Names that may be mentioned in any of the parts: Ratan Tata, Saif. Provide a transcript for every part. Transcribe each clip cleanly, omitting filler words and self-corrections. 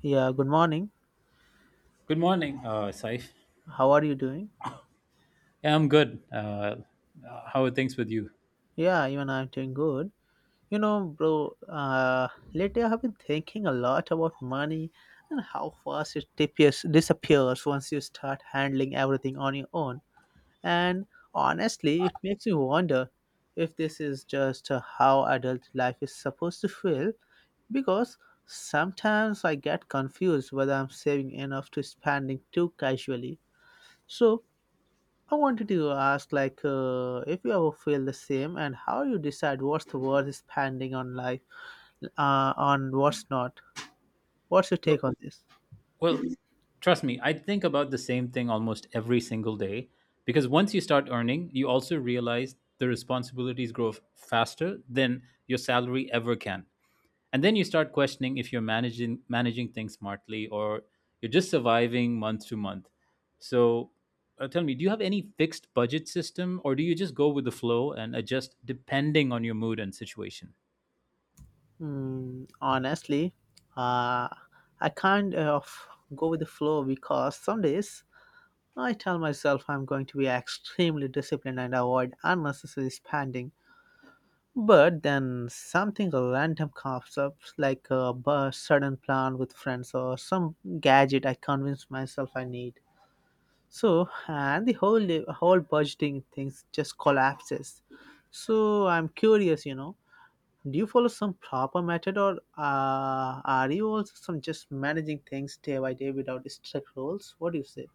Yeah, good morning. Good morning, Saif. How are you doing? Yeah, I'm good. How are things with you? Yeah, even I'm doing good. You know, bro, lately I have been thinking a lot about money and how fast it disappears once you start handling everything on your own. And honestly, it makes me wonder if this is just how adult life is supposed to feel because sometimes I get confused whether I'm saving enough to spending too casually. So I wanted to ask, like, if you ever feel the same, and how you decide what's the worth spending on life, on what's not. What's your take Well, on this? well, trust me, I think about the same thing almost every single day because once you start earning, you also realize the responsibilities grow faster than your salary ever can. And then you start questioning if you're managing things smartly or you're just surviving month to month. So, tell me, do you have any fixed budget system or do you just go with the flow and adjust depending on your mood and situation? Honestly, uh, I kind of go with the flow because some days I tell myself I'm going to be extremely disciplined and avoid unnecessary spending. But then something random comes up, like sudden plan with friends or some gadget I convince myself I need. So and the whole budgeting things just collapses. So I'm curious, you know, do you follow some proper method, or are you also some just managing things day by day without strict rules? What do you say?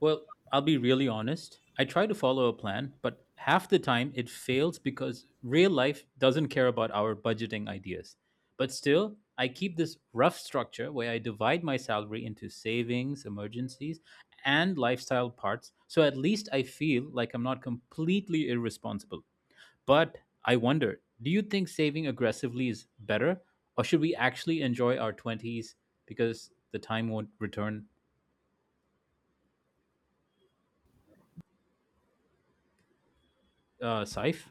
Well, I'll be really honest. I try to follow a plan, but half the time it fails because real life doesn't care about our budgeting ideas. But still, I keep this rough structure where I divide my salary into savings, emergencies, and lifestyle parts, so at least I feel like I'm not completely irresponsible. But I wonder, do you think saving aggressively is better, or should we actually enjoy our 20s because the time won't return? Saif,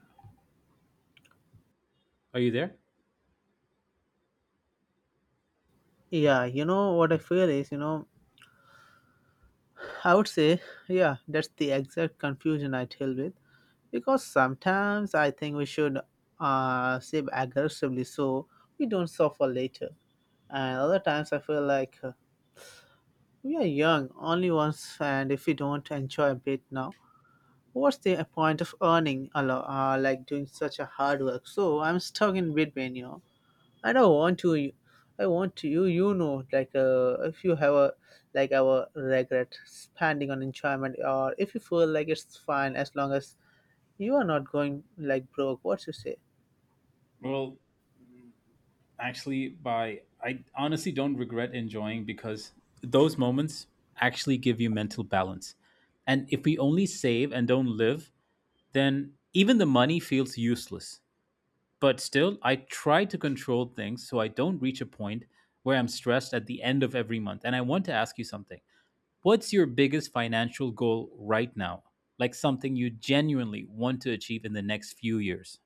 are you there? Yeah, you know what I feel is, you know, I would say, yeah, that's the exact confusion I deal with because sometimes I think we should save aggressively so we don't suffer later, and other times I feel like we are young, only once, and if we don't enjoy a bit now, what's the point of earning a lot, like doing such a hard work? So I'm stuck in between, you know. I don't want to, I want to, you know, like if you have a like our regret spending on enjoyment, or if you feel like it's fine as long as you are not going like broke. What you say? Well, actually, by I honestly don't regret enjoying because those moments actually give you mental balance. And if we only save and don't live, then even the money feels useless. But still, I try to control things so I don't reach a point where I'm stressed at the end of every month. And I want to ask you something. What's your biggest financial goal right now? Like something you genuinely want to achieve in the next few years?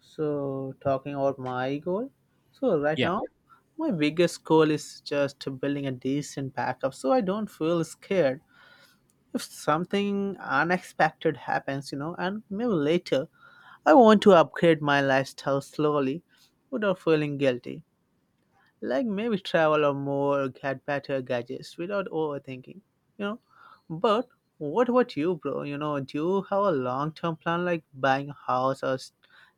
So, talking about my goal. So, right Yeah. now, my biggest goal is just building a decent backup so I don't feel scared if something unexpected happens, you know, and maybe later I want to upgrade my lifestyle slowly without feeling guilty, like maybe travel or more get better gadgets without overthinking, you know. But what about you, bro? You know, do you have a long-term plan, like buying a house, or s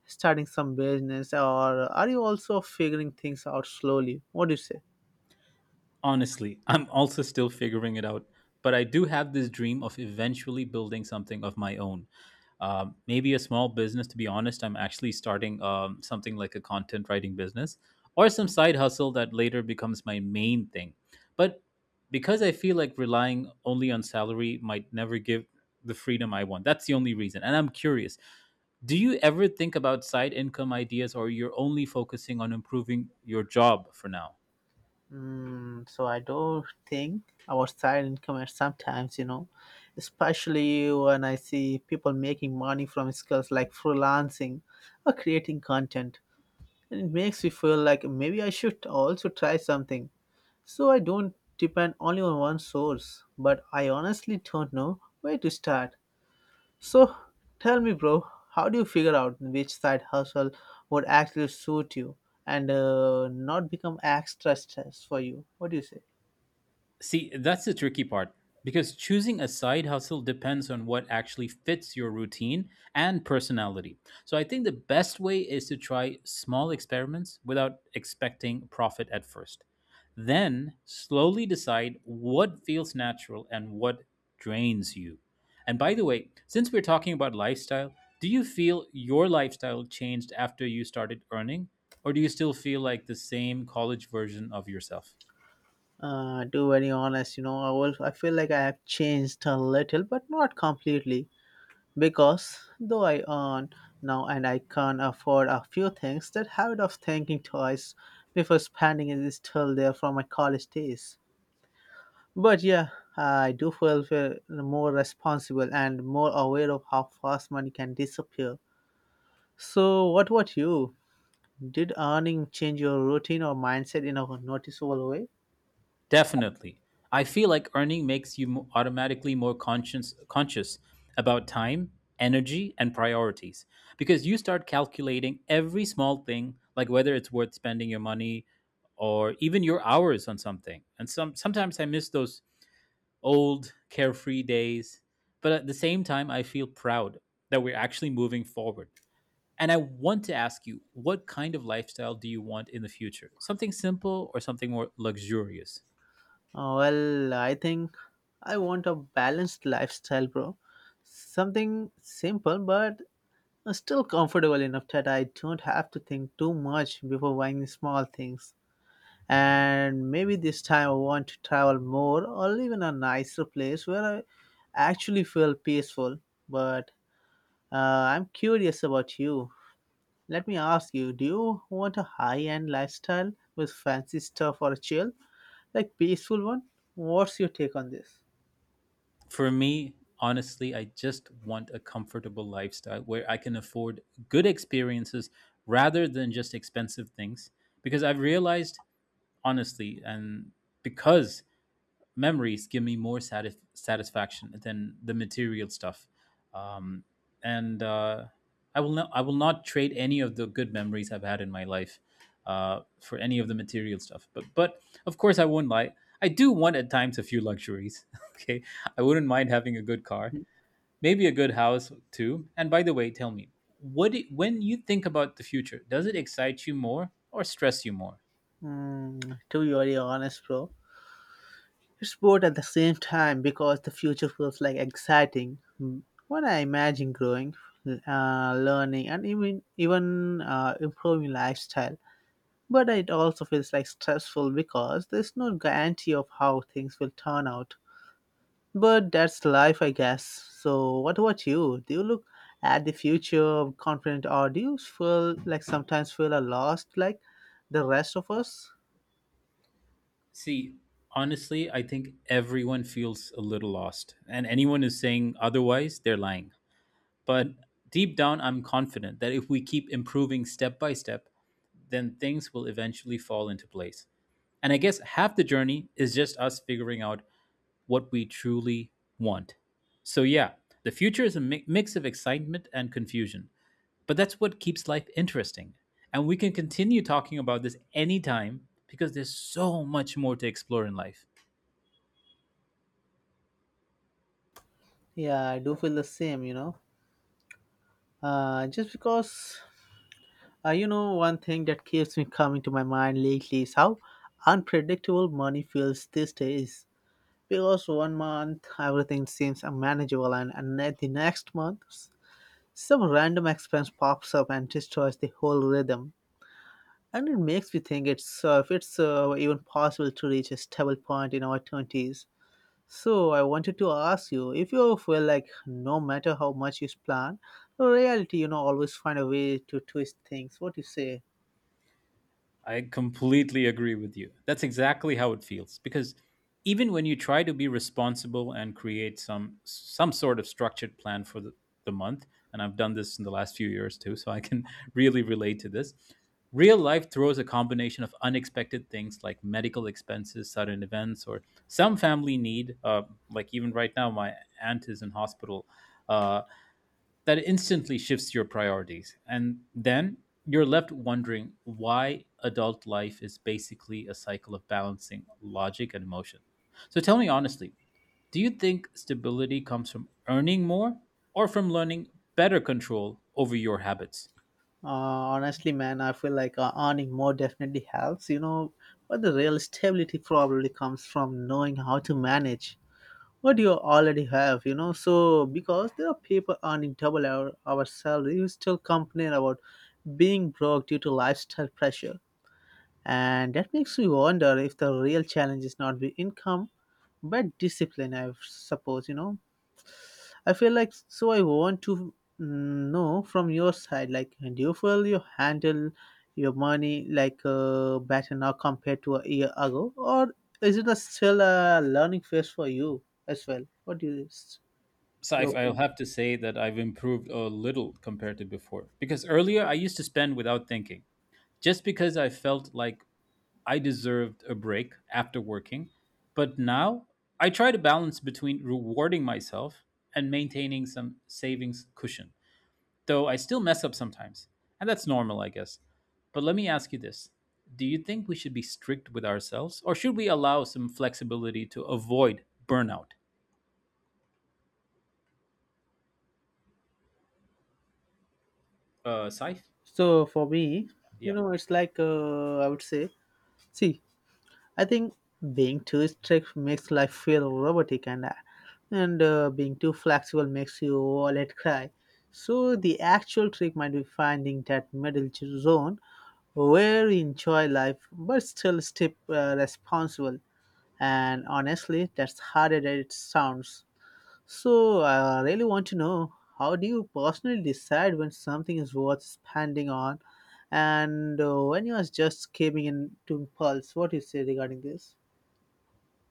starting some business, or are you also figuring things out slowly? What do you say? Honestly, I'm also still figuring it out, but I do have this dream of eventually building something of my own. Maybe a small business, to be honest. I'm actually starting something like a content writing business or some side hustle that later becomes my main thing. But because I feel like relying only on salary might never give the freedom I want, that's the only reason. And I'm curious, do you ever think about side income ideas or you're only focusing on improving your job for now? So I don't think our side income and sometimes, you know, especially when I see people making money from skills like freelancing or creating content. And it makes me feel like maybe I should also try something. So I don't depend only on one source, but I honestly don't know where to start. So tell me, bro, how do you figure out which side hustle would actually suit you and not become extra stress for you? What do you say? See, that's the tricky part because choosing a side hustle depends on what actually fits your routine and personality. So I think the best way is to try small experiments without expecting profit at first. Then slowly decide what feels natural and what drains you. And by the way, since we're talking about lifestyle, do you feel your lifestyle changed after you started earning? Or do you still feel like the same college version of yourself? To be very honest, you know, I feel like I have changed a little, but not completely. Because though I earn now and I can afford a few things, that habit of thinking twice before spending is still there from my college days. But yeah, I do feel more responsible and more aware of how fast money can disappear. So, what about you? Did earning change your routine or mindset in a noticeable way? Definitely. I feel like earning makes you automatically more conscious about time, energy, and priorities because you start calculating every small thing like whether it's worth spending your money or even your hours on something. And sometimes I miss those old carefree days, but at the same time I feel proud that we're actually moving forward. And I want to ask you, what kind of lifestyle do you want in the future? Something simple or something more luxurious? Well, I think I want a balanced lifestyle, bro. Something simple but I'm still comfortable enough that I don't have to think too much before buying small things. And maybe this time I want to travel more or live in a nicer place where I actually feel peaceful. But uh, I'm curious about you. Let me ask you, do you want a high end lifestyle with fancy stuff, or a chill, like peaceful one? What's your take on this? For me, honestly, I just want a comfortable lifestyle where I can afford good experiences rather than just expensive things. Because I've realized, honestly, and because memories give me more satisfaction than the material stuff. Um, and I will not, I will not trade any of the good memories I've had in my life for any of the material stuff. But of course I won't lie, I do want at times a few luxuries. Okay, I wouldn't mind having a good car, maybe a good house too. And by the way, tell me, when you think about the future, does it excite you more or stress you more? To be very honest, bro, it's both at the same time because the future feels like exciting. What I imagine growing, learning, and even improving lifestyle. But it also feels like stressful because there's no guarantee of how things will turn out. But that's life, I guess. So, what about you? Do you look at the future confident, or do you feel like sometimes feel a lost, like the rest of us? See, honestly, I think everyone feels a little lost, and anyone is saying otherwise, they're lying. But deep down, I'm confident that if we keep improving step by step, then things will eventually fall into place. And I guess half the journey is just us figuring out what we truly want. So, yeah, the future is a mix of excitement and confusion, but that's what keeps life interesting. And we can continue talking about this anytime because there's so much more to explore in life. Yeah, I do feel the same. You know, just because you know, one thing that keeps me coming to my mind lately is how unpredictable money feels these days. Because one month everything seems unmanageable, and at the next month, some random expense pops up and destroys the whole rhythm. And it makes me think it's if it's even possible to reach a stable point in our 20s. So I wanted to ask you if you feel like no matter how much you plan, reality, you know, always find a way to twist things. What do you say? I completely agree with you. That's exactly how it feels because even when you try to be responsible and create some sort of structured plan for the month, and I've done this in the last few years too, so I can really relate to this. Real life throws a combination of unexpected things like medical expenses, sudden events, or some family need. Like even right now, my aunt is in hospital, uh, that instantly shifts your priorities. And then you're left wondering why adult life is basically a cycle of balancing logic and emotion. So tell me honestly, do you think stability comes from earning more or from learning better control over your habits? Honestly, man, I feel like earning more definitely helps, you know, but the real stability probably comes from knowing how to manage what you already have, you know. So, because there are people earning double our salary, you still complain about being broke due to lifestyle pressure. And that makes me wonder if the real challenge is not the income, but discipline, I suppose, you know. I feel like so I want to know from your side, like do you feel you handle your money like better now compared to a year ago, or is it a still a learning phase for you as well? What do you So your I'll opinion? have to say that I've improved a little compared to before because earlier I used to spend without thinking just because I felt like I deserved a break after working, but now I try to balance between rewarding myself and maintaining some savings cushion, though I still mess up sometimes. And that's normal, I guess. But let me ask you this, do you think we should be strict with ourselves, or should we allow some flexibility to avoid burnout? Saif? So for me, you Yeah. know, it's like I would say, see, I think being too strict makes life feel robotic, and being too flexible makes your wallet cry. So the actual trick might be finding that middle zone where you enjoy life but still stay responsible. And honestly, that's harder than it sounds. So I really want to know, how do you personally decide when something is worth spending on, and when you are just giving in to impulse? What do you say regarding this?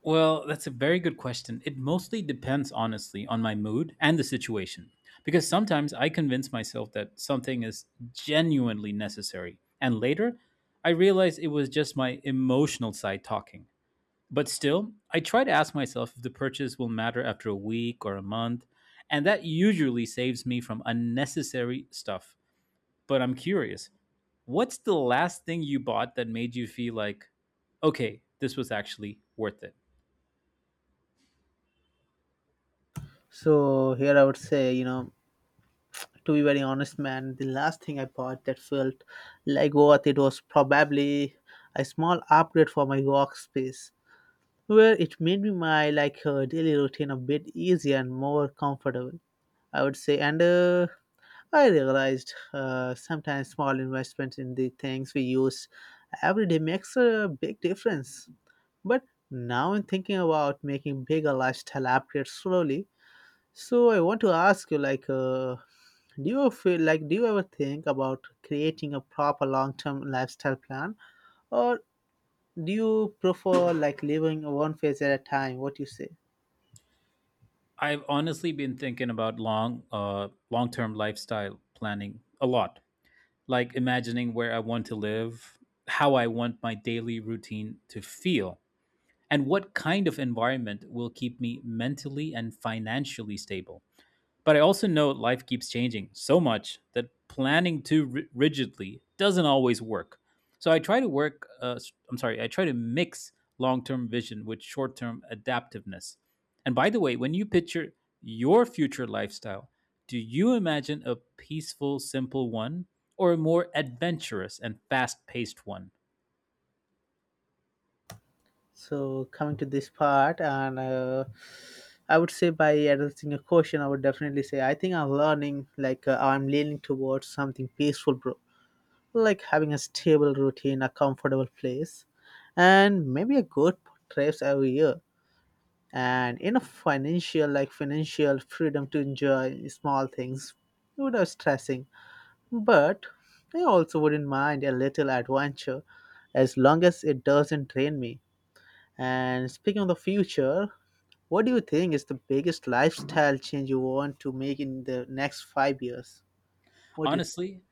Well, that's a very good question. It mostly depends, honestly, on my mood and the situation. Because sometimes I convince myself that something is genuinely necessary. And later, I realize it was just my emotional side talking. But still, I try to ask myself if the purchase will matter after a week or a month. And that usually saves me from unnecessary stuff. But I'm curious, what's the last thing you bought that made you feel like, okay, this was actually worth it? So here I would say, you know, to be very honest, man, the last thing I bought that felt like worth it was probably a small upgrade for my workspace, where it made me my like daily routine a bit easier and more comfortable. I would say, and I realized sometimes small investments in the things we use every day makes a big difference. But now I'm thinking about making bigger lifestyle upgrades slowly, so I want to ask you, like, do you feel like do you ever think about creating a proper long-term lifestyle plan, or do you prefer like living one phase at a time? What you say? I've honestly been thinking about long-term lifestyle planning a lot. Like imagining where I want to live, how I want my daily routine to feel, and what kind of environment will keep me mentally and financially stable. But I also know life keeps changing so much that planning too rigidly doesn't always work. So I try to work, I'm sorry, I try to mix long term vision with short term adaptiveness. And by the way, when you picture your future lifestyle, do you imagine a peaceful, simple one or a more adventurous and fast paced one? So coming to this part, and I would say by addressing a question, I would definitely say I think I'm learning, like, I'm leaning towards something peaceful, bro. Like having a stable routine, a comfortable place, and maybe a good trips every year and enough financial like financial freedom to enjoy small things without stressing. But I also wouldn't mind a little adventure as long as it doesn't drain me. And speaking of the future, what do you think is the biggest lifestyle change you want to make in the next 5 years? What do you think? Honestly,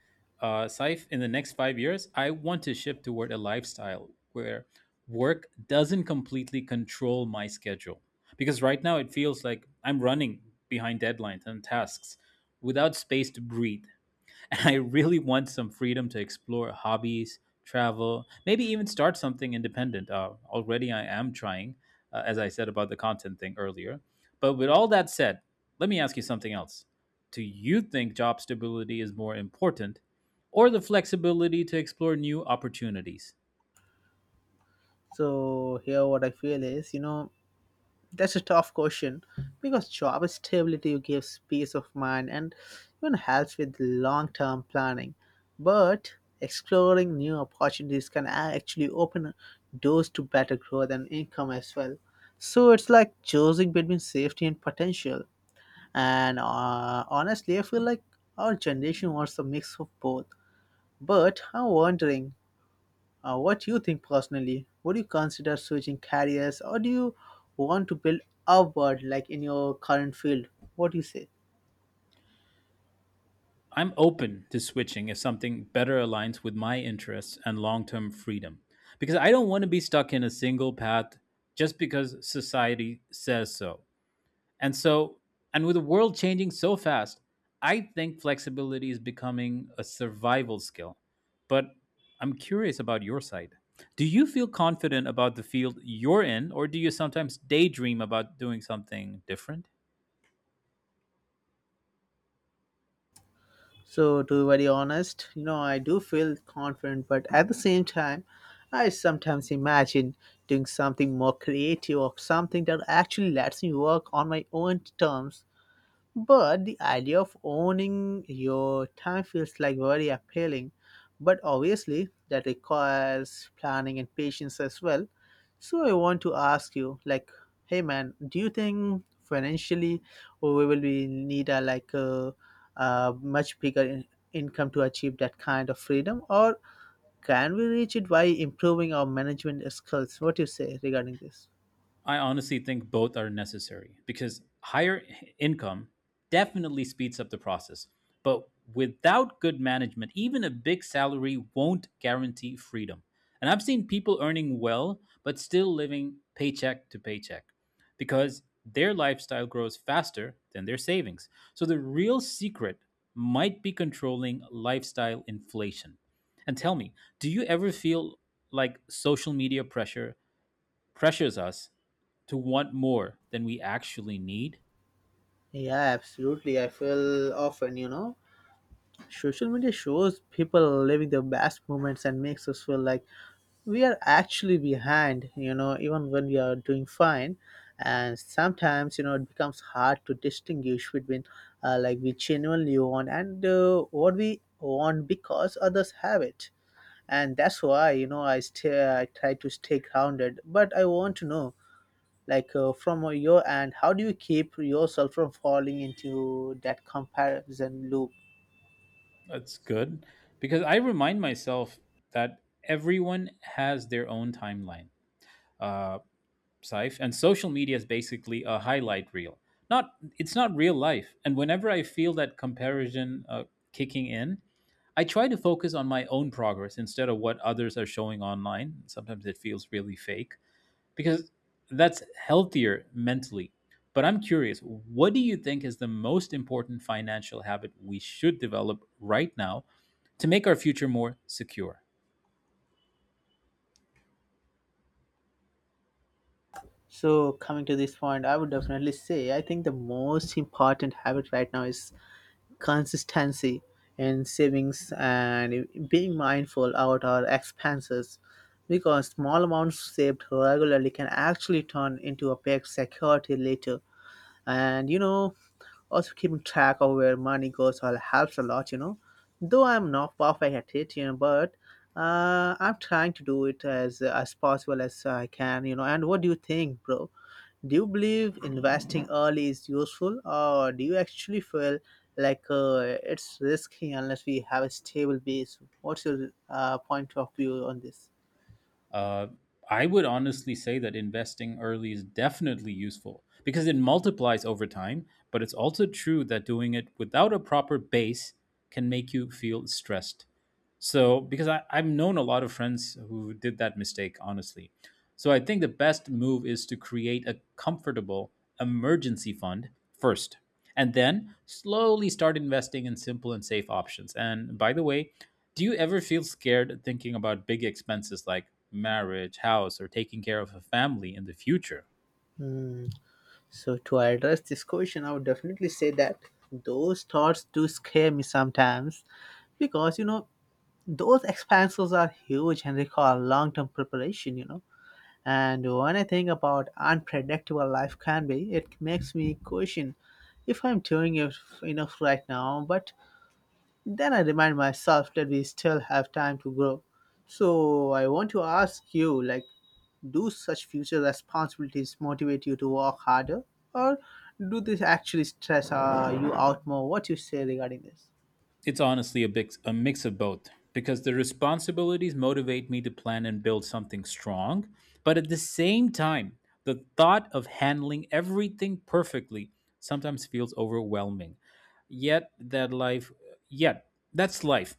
Saif, in the next 5 years, I want to shift toward a lifestyle where work doesn't completely control my schedule. Because right now it feels like I'm running behind deadlines and tasks without space to breathe. I really want some freedom to explore hobbies, travel, maybe even start something independent. Already, I am trying, as I said about the content thing earlier. But with all that said, let me ask you something else. Do you think job stability is more important or the flexibility to explore new opportunities? So here what I feel is, you know, that's a tough question because job stability gives peace of mind and even helps with long term planning. But exploring new opportunities can actually open doors to better growth and income as well. So it's like choosing between safety and potential. And honestly, I feel like our generation wants a mix of both. But I'm wondering, what do you think personally? Would you consider switching careers, or do you want to build upward like in your current field? What do you say? I'm open to switching if something better aligns with my interests and long term freedom because I don't want to be stuck in a single path just because society says so. And so, and with the world changing so fast, I think flexibility is becoming a survival skill. But I'm curious about your side. Do you feel confident about the field you're in, or do you sometimes daydream about doing something different? So, to be very honest, you know, I do feel confident, but at the same time, I sometimes imagine doing something more creative or something that actually lets me work on my own terms. But the idea of owning your time feels like very appealing. But obviously, that requires planning and patience as well. So I want to ask you, like, hey man, do you think financially we will be need a much bigger income to achieve that kind of freedom, or can we reach it by improving our management skills? What do you say regarding this? I honestly think both are necessary because income definitely speeds up the process. But without good management, even a big salary won't guarantee freedom. And I've seen people earning well, but still living paycheck to paycheck because their lifestyle grows faster than their savings. So the real secret might be controlling lifestyle inflation. And tell me, do you ever feel like social media pressures us to want more than we actually need? Yeah, absolutely. I feel often, you know, social media shows people living their best moments and makes us feel like we are actually behind, you know, even when we are doing fine. And sometimes, you know, it becomes hard to distinguish between like we genuinely want and what we want because others have it. And that's why, you know, I try to stay grounded. But I want to know, from your end, how do you keep yourself from falling into that comparison loop? That's good because I remind myself that everyone has their own timeline. Uh, Saif, and social media is basically a highlight reel. Not, it's not real life. And whenever I feel that comparison kicking in, I try to focus on my own progress instead of what others are showing online. Sometimes it feels really fake. Because that's healthier mentally. But I'm curious, what do you think is the most important financial habit we should develop right now to make our future more secure? So, coming to this point, I would definitely say I think the most important habit right now is consistency in savings and being mindful about our expenses because small amounts saved regularly can actually turn into a big security later. And you know, also, keeping track of where money goes all helps a lot, you know. Though I'm not perfect at it, you know, but I'm trying to do it as possible as I can, you know. And what do you think, bro? Do you believe investing early is useful, or do you actually feel like it's risky unless we have a stable base? What's your point of view on this? Uh, I would honestly say that investing early is definitely useful because it multiplies over time, but it's also true that doing it without a proper base can make you feel stressed. So, because I've known a lot of friends who did that mistake, honestly. So, I think the best move is to create a comfortable emergency fund first, and then slowly start investing in simple and safe options. And by the way, do you ever feel scared thinking about big expenses like marriage, house, or taking care of a family in the future? Hmm. So to address this question, I would definitely say that those thoughts do scare me sometimes because, you know, those expenses are huge and require long-term preparation, you know. And when I think about unpredictable life can be, it makes me question if I'm doing it enough right now, but then I remind myself that we still have time to grow. So I want to ask you, like, do such future responsibilities motivate you to work harder, or do this actually stress you out more? What you say regarding this? It's honestly a mix of both because the responsibilities motivate me to plan and build something strong, but at the same time, the thought of handling everything perfectly sometimes feels overwhelming. Yet that life, Yet that's life.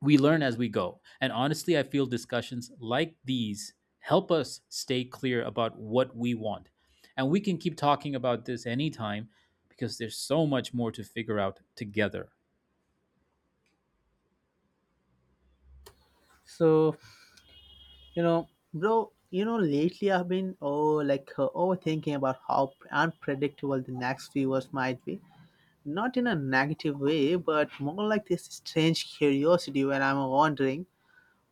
We learn as we go. And honestly, I feel discussions like these help us stay clear about what we want. And we can keep talking about this anytime because there's so much more to figure out together. so You know, bro, you know, lately I've been overthinking about how unpredictable the next few years might be. Not in a negative way, but more like this strange curiosity where I'm wondering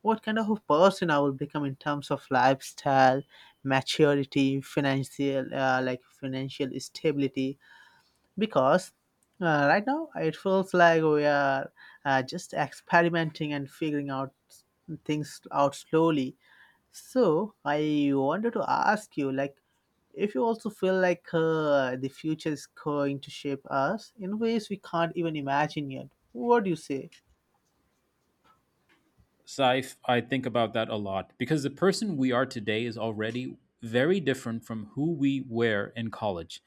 what kind of a person I will become in terms of lifestyle, maturity, financial financial stability. Because right now it feels like we are just experimenting and figuring out things out slowly. So I wanted to ask you, like, if you also feel like the future is going to shape us in ways we can't even imagine yet. What do you say? Saif, I think about that a lot because the person we are today is already very different from who we were in college.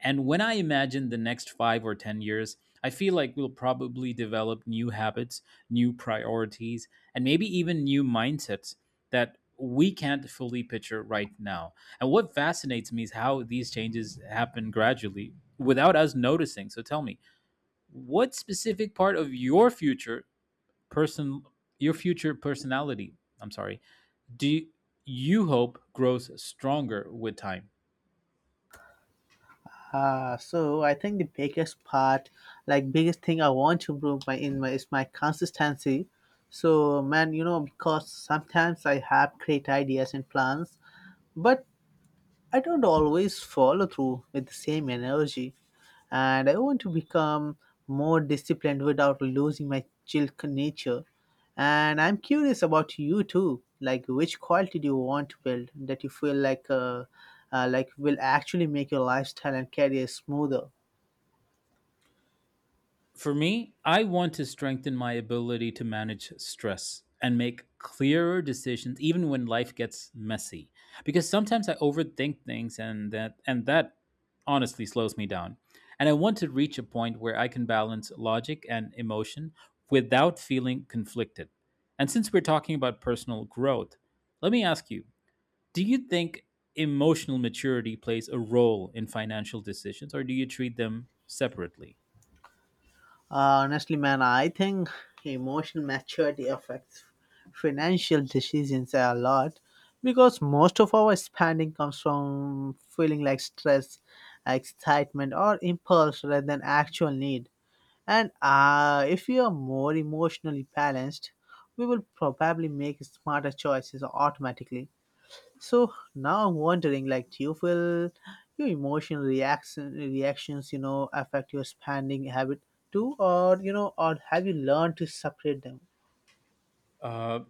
And when I imagine the next five or 10 years, I feel like we'll probably develop new habits, new priorities, and maybe even new mindsets that we can't fully picture right now. And what fascinates me is how these changes happen gradually without us noticing. So tell me, what specific part of person your future personality, I'm sorry, do you, you hope grows stronger with time? So I think the biggest part, like biggest thing I want to improve my in my is my consistency. So man, you know, because sometimes I have great ideas and plans, but I don't always follow through with the same energy, and I want to become more disciplined without losing my chill nature. And I'm curious about you too, like, which quality do you want to build that you feel like will actually make your lifestyle and career smoother? For me, I want to strengthen my ability to manage stress and make clearer decisions even when life gets messy, because sometimes I overthink things, and that honestly slows me down. And I want to reach a point where I can balance logic and emotion without feeling conflicted. And since we're talking about personal growth, let me ask you: do you think emotional maturity plays a role in financial decisions, or do you treat them separately? Honestly, man, I think emotional maturity affects financial decisions a lot because most of our spending comes from feeling like stress, excitement, or impulse rather than actual need. And if we are more emotionally balanced, we will probably make smarter choices automatically. So now I'm wondering, like, do you feel your emotional reaction reactions, you know, affect your spending habit too, or, you know, or have you learned to separate them? Uh,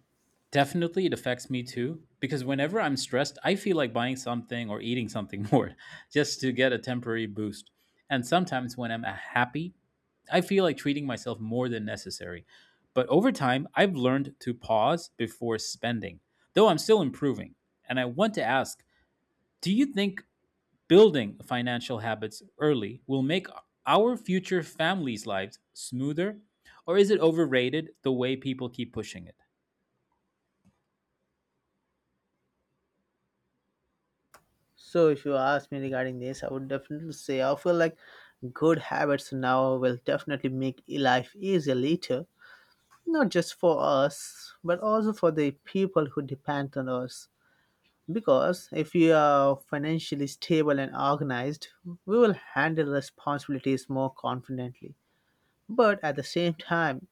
Definitely, it affects me too because whenever I'm stressed, I feel like buying something or eating something more just to get a temporary boost. And sometimes when I'm happy, I feel like treating myself more than necessary. But over time, I've learned to pause before spending, though I'm still improving. And I want to ask, do you think building financial habits early will make our future families' lives smoother, or is it overrated the way people keep pushing it? So if you ask me regarding this, I would definitely say I feel like good habits now will definitely make life easier later, not just for us, but also for the people who depend on us. Because if we are financially stable and organized, we will handle responsibilities more confidently. But at the same time,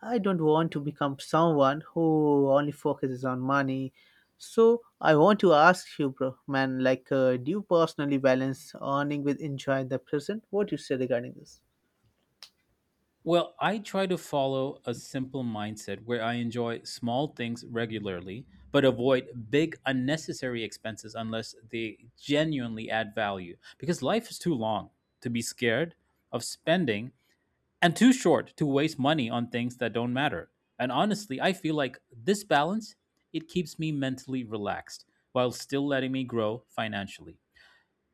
I don't want to become someone who only focuses on money. So I want to ask you, bro, man, like, do you personally balance earning with enjoying the present? What do you say regarding this? Well, I try to follow a simple mindset where I enjoy small things regularly, but avoid big unnecessary expenses unless they genuinely add value. Because life is too long to be scared of spending and too short to waste money on things that don't matter. And honestly, I feel like this balance, it keeps me mentally relaxed while still letting me grow financially.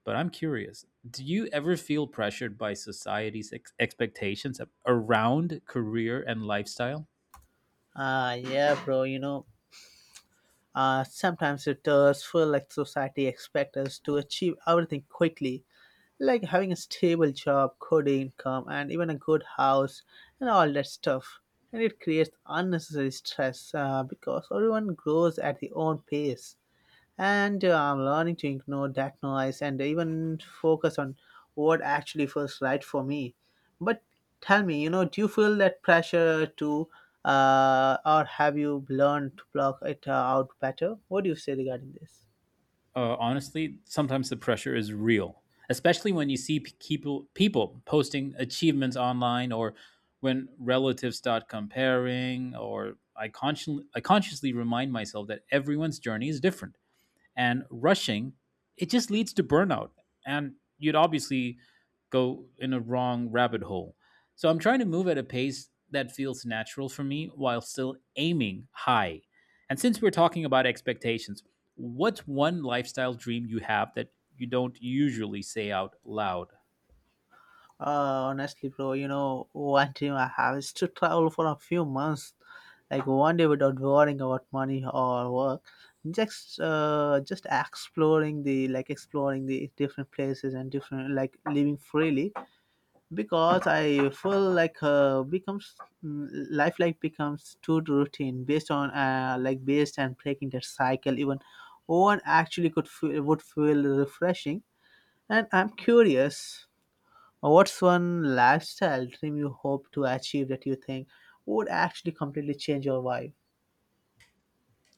But I'm curious, do you ever feel pressured by society's expectations around career and lifestyle? Ah, yeah, bro. You know, sometimes it does feel like society expects us to achieve everything quickly, like having a stable job, good income, and even a good house, and all that stuff. And it creates unnecessary stress because everyone grows at their own pace. And I'm learning to ignore that noise and even focus on what actually feels right for me. But tell me, you know, do you feel that pressure too, or have you learned to block it out better? What do you say regarding this? Honestly, sometimes the pressure is real, especially when you see people posting achievements online or when relatives start comparing. Or I consciously remind myself that everyone's journey is different, and rushing, it just leads to burnout. And you'd obviously go in a wrong rabbit hole. So I'm trying to move at a pace that feels natural for me while still aiming high. And since we're talking about expectations, what's one lifestyle dream you have that you don't usually say out loud? Honestly, bro, you know, one dream I have is to travel for a few months, like one day, without worrying about money or work. Just exploring the exploring the different places and different, like, living freely, because I feel like becomes life like becomes too routine based on, based, and breaking that cycle. Even one actually would feel refreshing, and I'm curious. What's one lifestyle dream you hope to achieve that you think would actually completely change your life?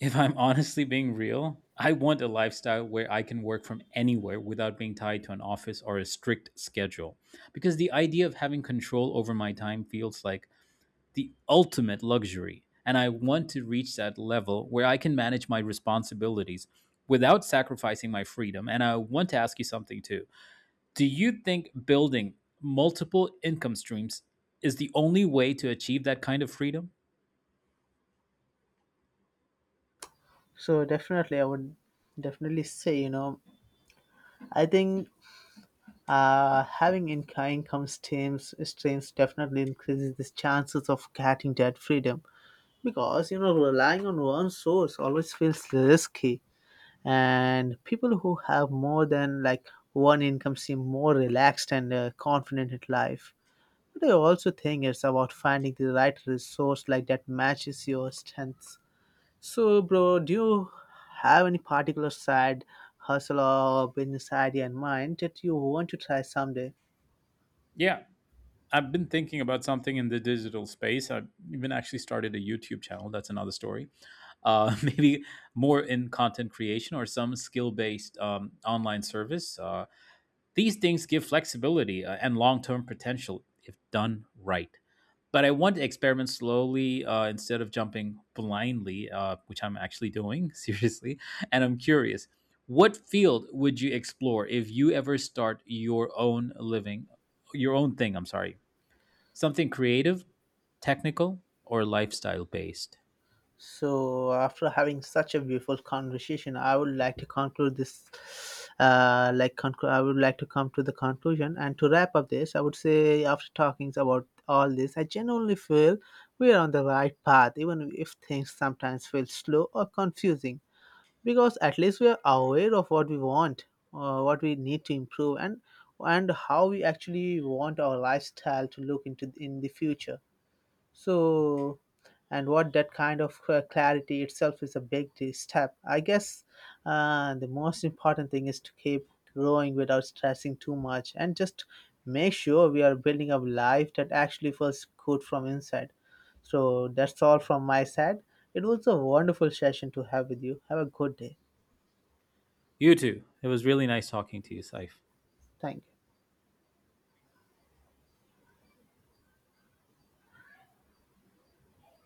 If I'm honestly being real, I want a lifestyle where I can work from anywhere without being tied to an office or a strict schedule. Because the idea of having control over my time feels like the ultimate luxury. And I want to reach that level where I can manage my responsibilities without sacrificing my freedom. And I want to ask you something too. Do you think building multiple income streams is the only way to achieve that kind of freedom? So definitely, I would definitely say, you know, I think having income streams definitely increases the chances of getting that freedom, because, you know, relying on one source always feels risky, and people who have more than, like, one income seem more relaxed and confident in life. But I also think it's about finding the right resource, like, that matches your strengths. So, bro, do you have any particular side hustle or business idea in mind that you want to try someday? Yeah, I've been thinking about something in the digital space. I've even actually started a YouTube channel. That's another story. Maybe more in content creation or some skill based online service. These things give flexibility and long term potential if done right. But I want to experiment slowly instead of jumping blindly, which I'm actually doing, seriously. And I'm curious, what field would you explore if you ever start your own living, your own thing? I'm sorry. Something creative, technical, or lifestyle based. So, after having such a beautiful conversation, I would like to conclude this. I would like to come to the conclusion and to wrap up this. I would say after talking about all this, I genuinely feel we are on the right path, even if things sometimes feel slow or confusing. Because at least we are aware of what we want, what we need to improve, and how we actually want our lifestyle to look into in the future. So, and what that kind of clarity itself is a big step, I guess. The most important thing is to keep growing without stressing too much and just make sure we are building a life that actually feels good from inside. So that's all from my side. It was a wonderful session to have with you. Have a good day. You too. It was really nice talking to you, Saif. Thing.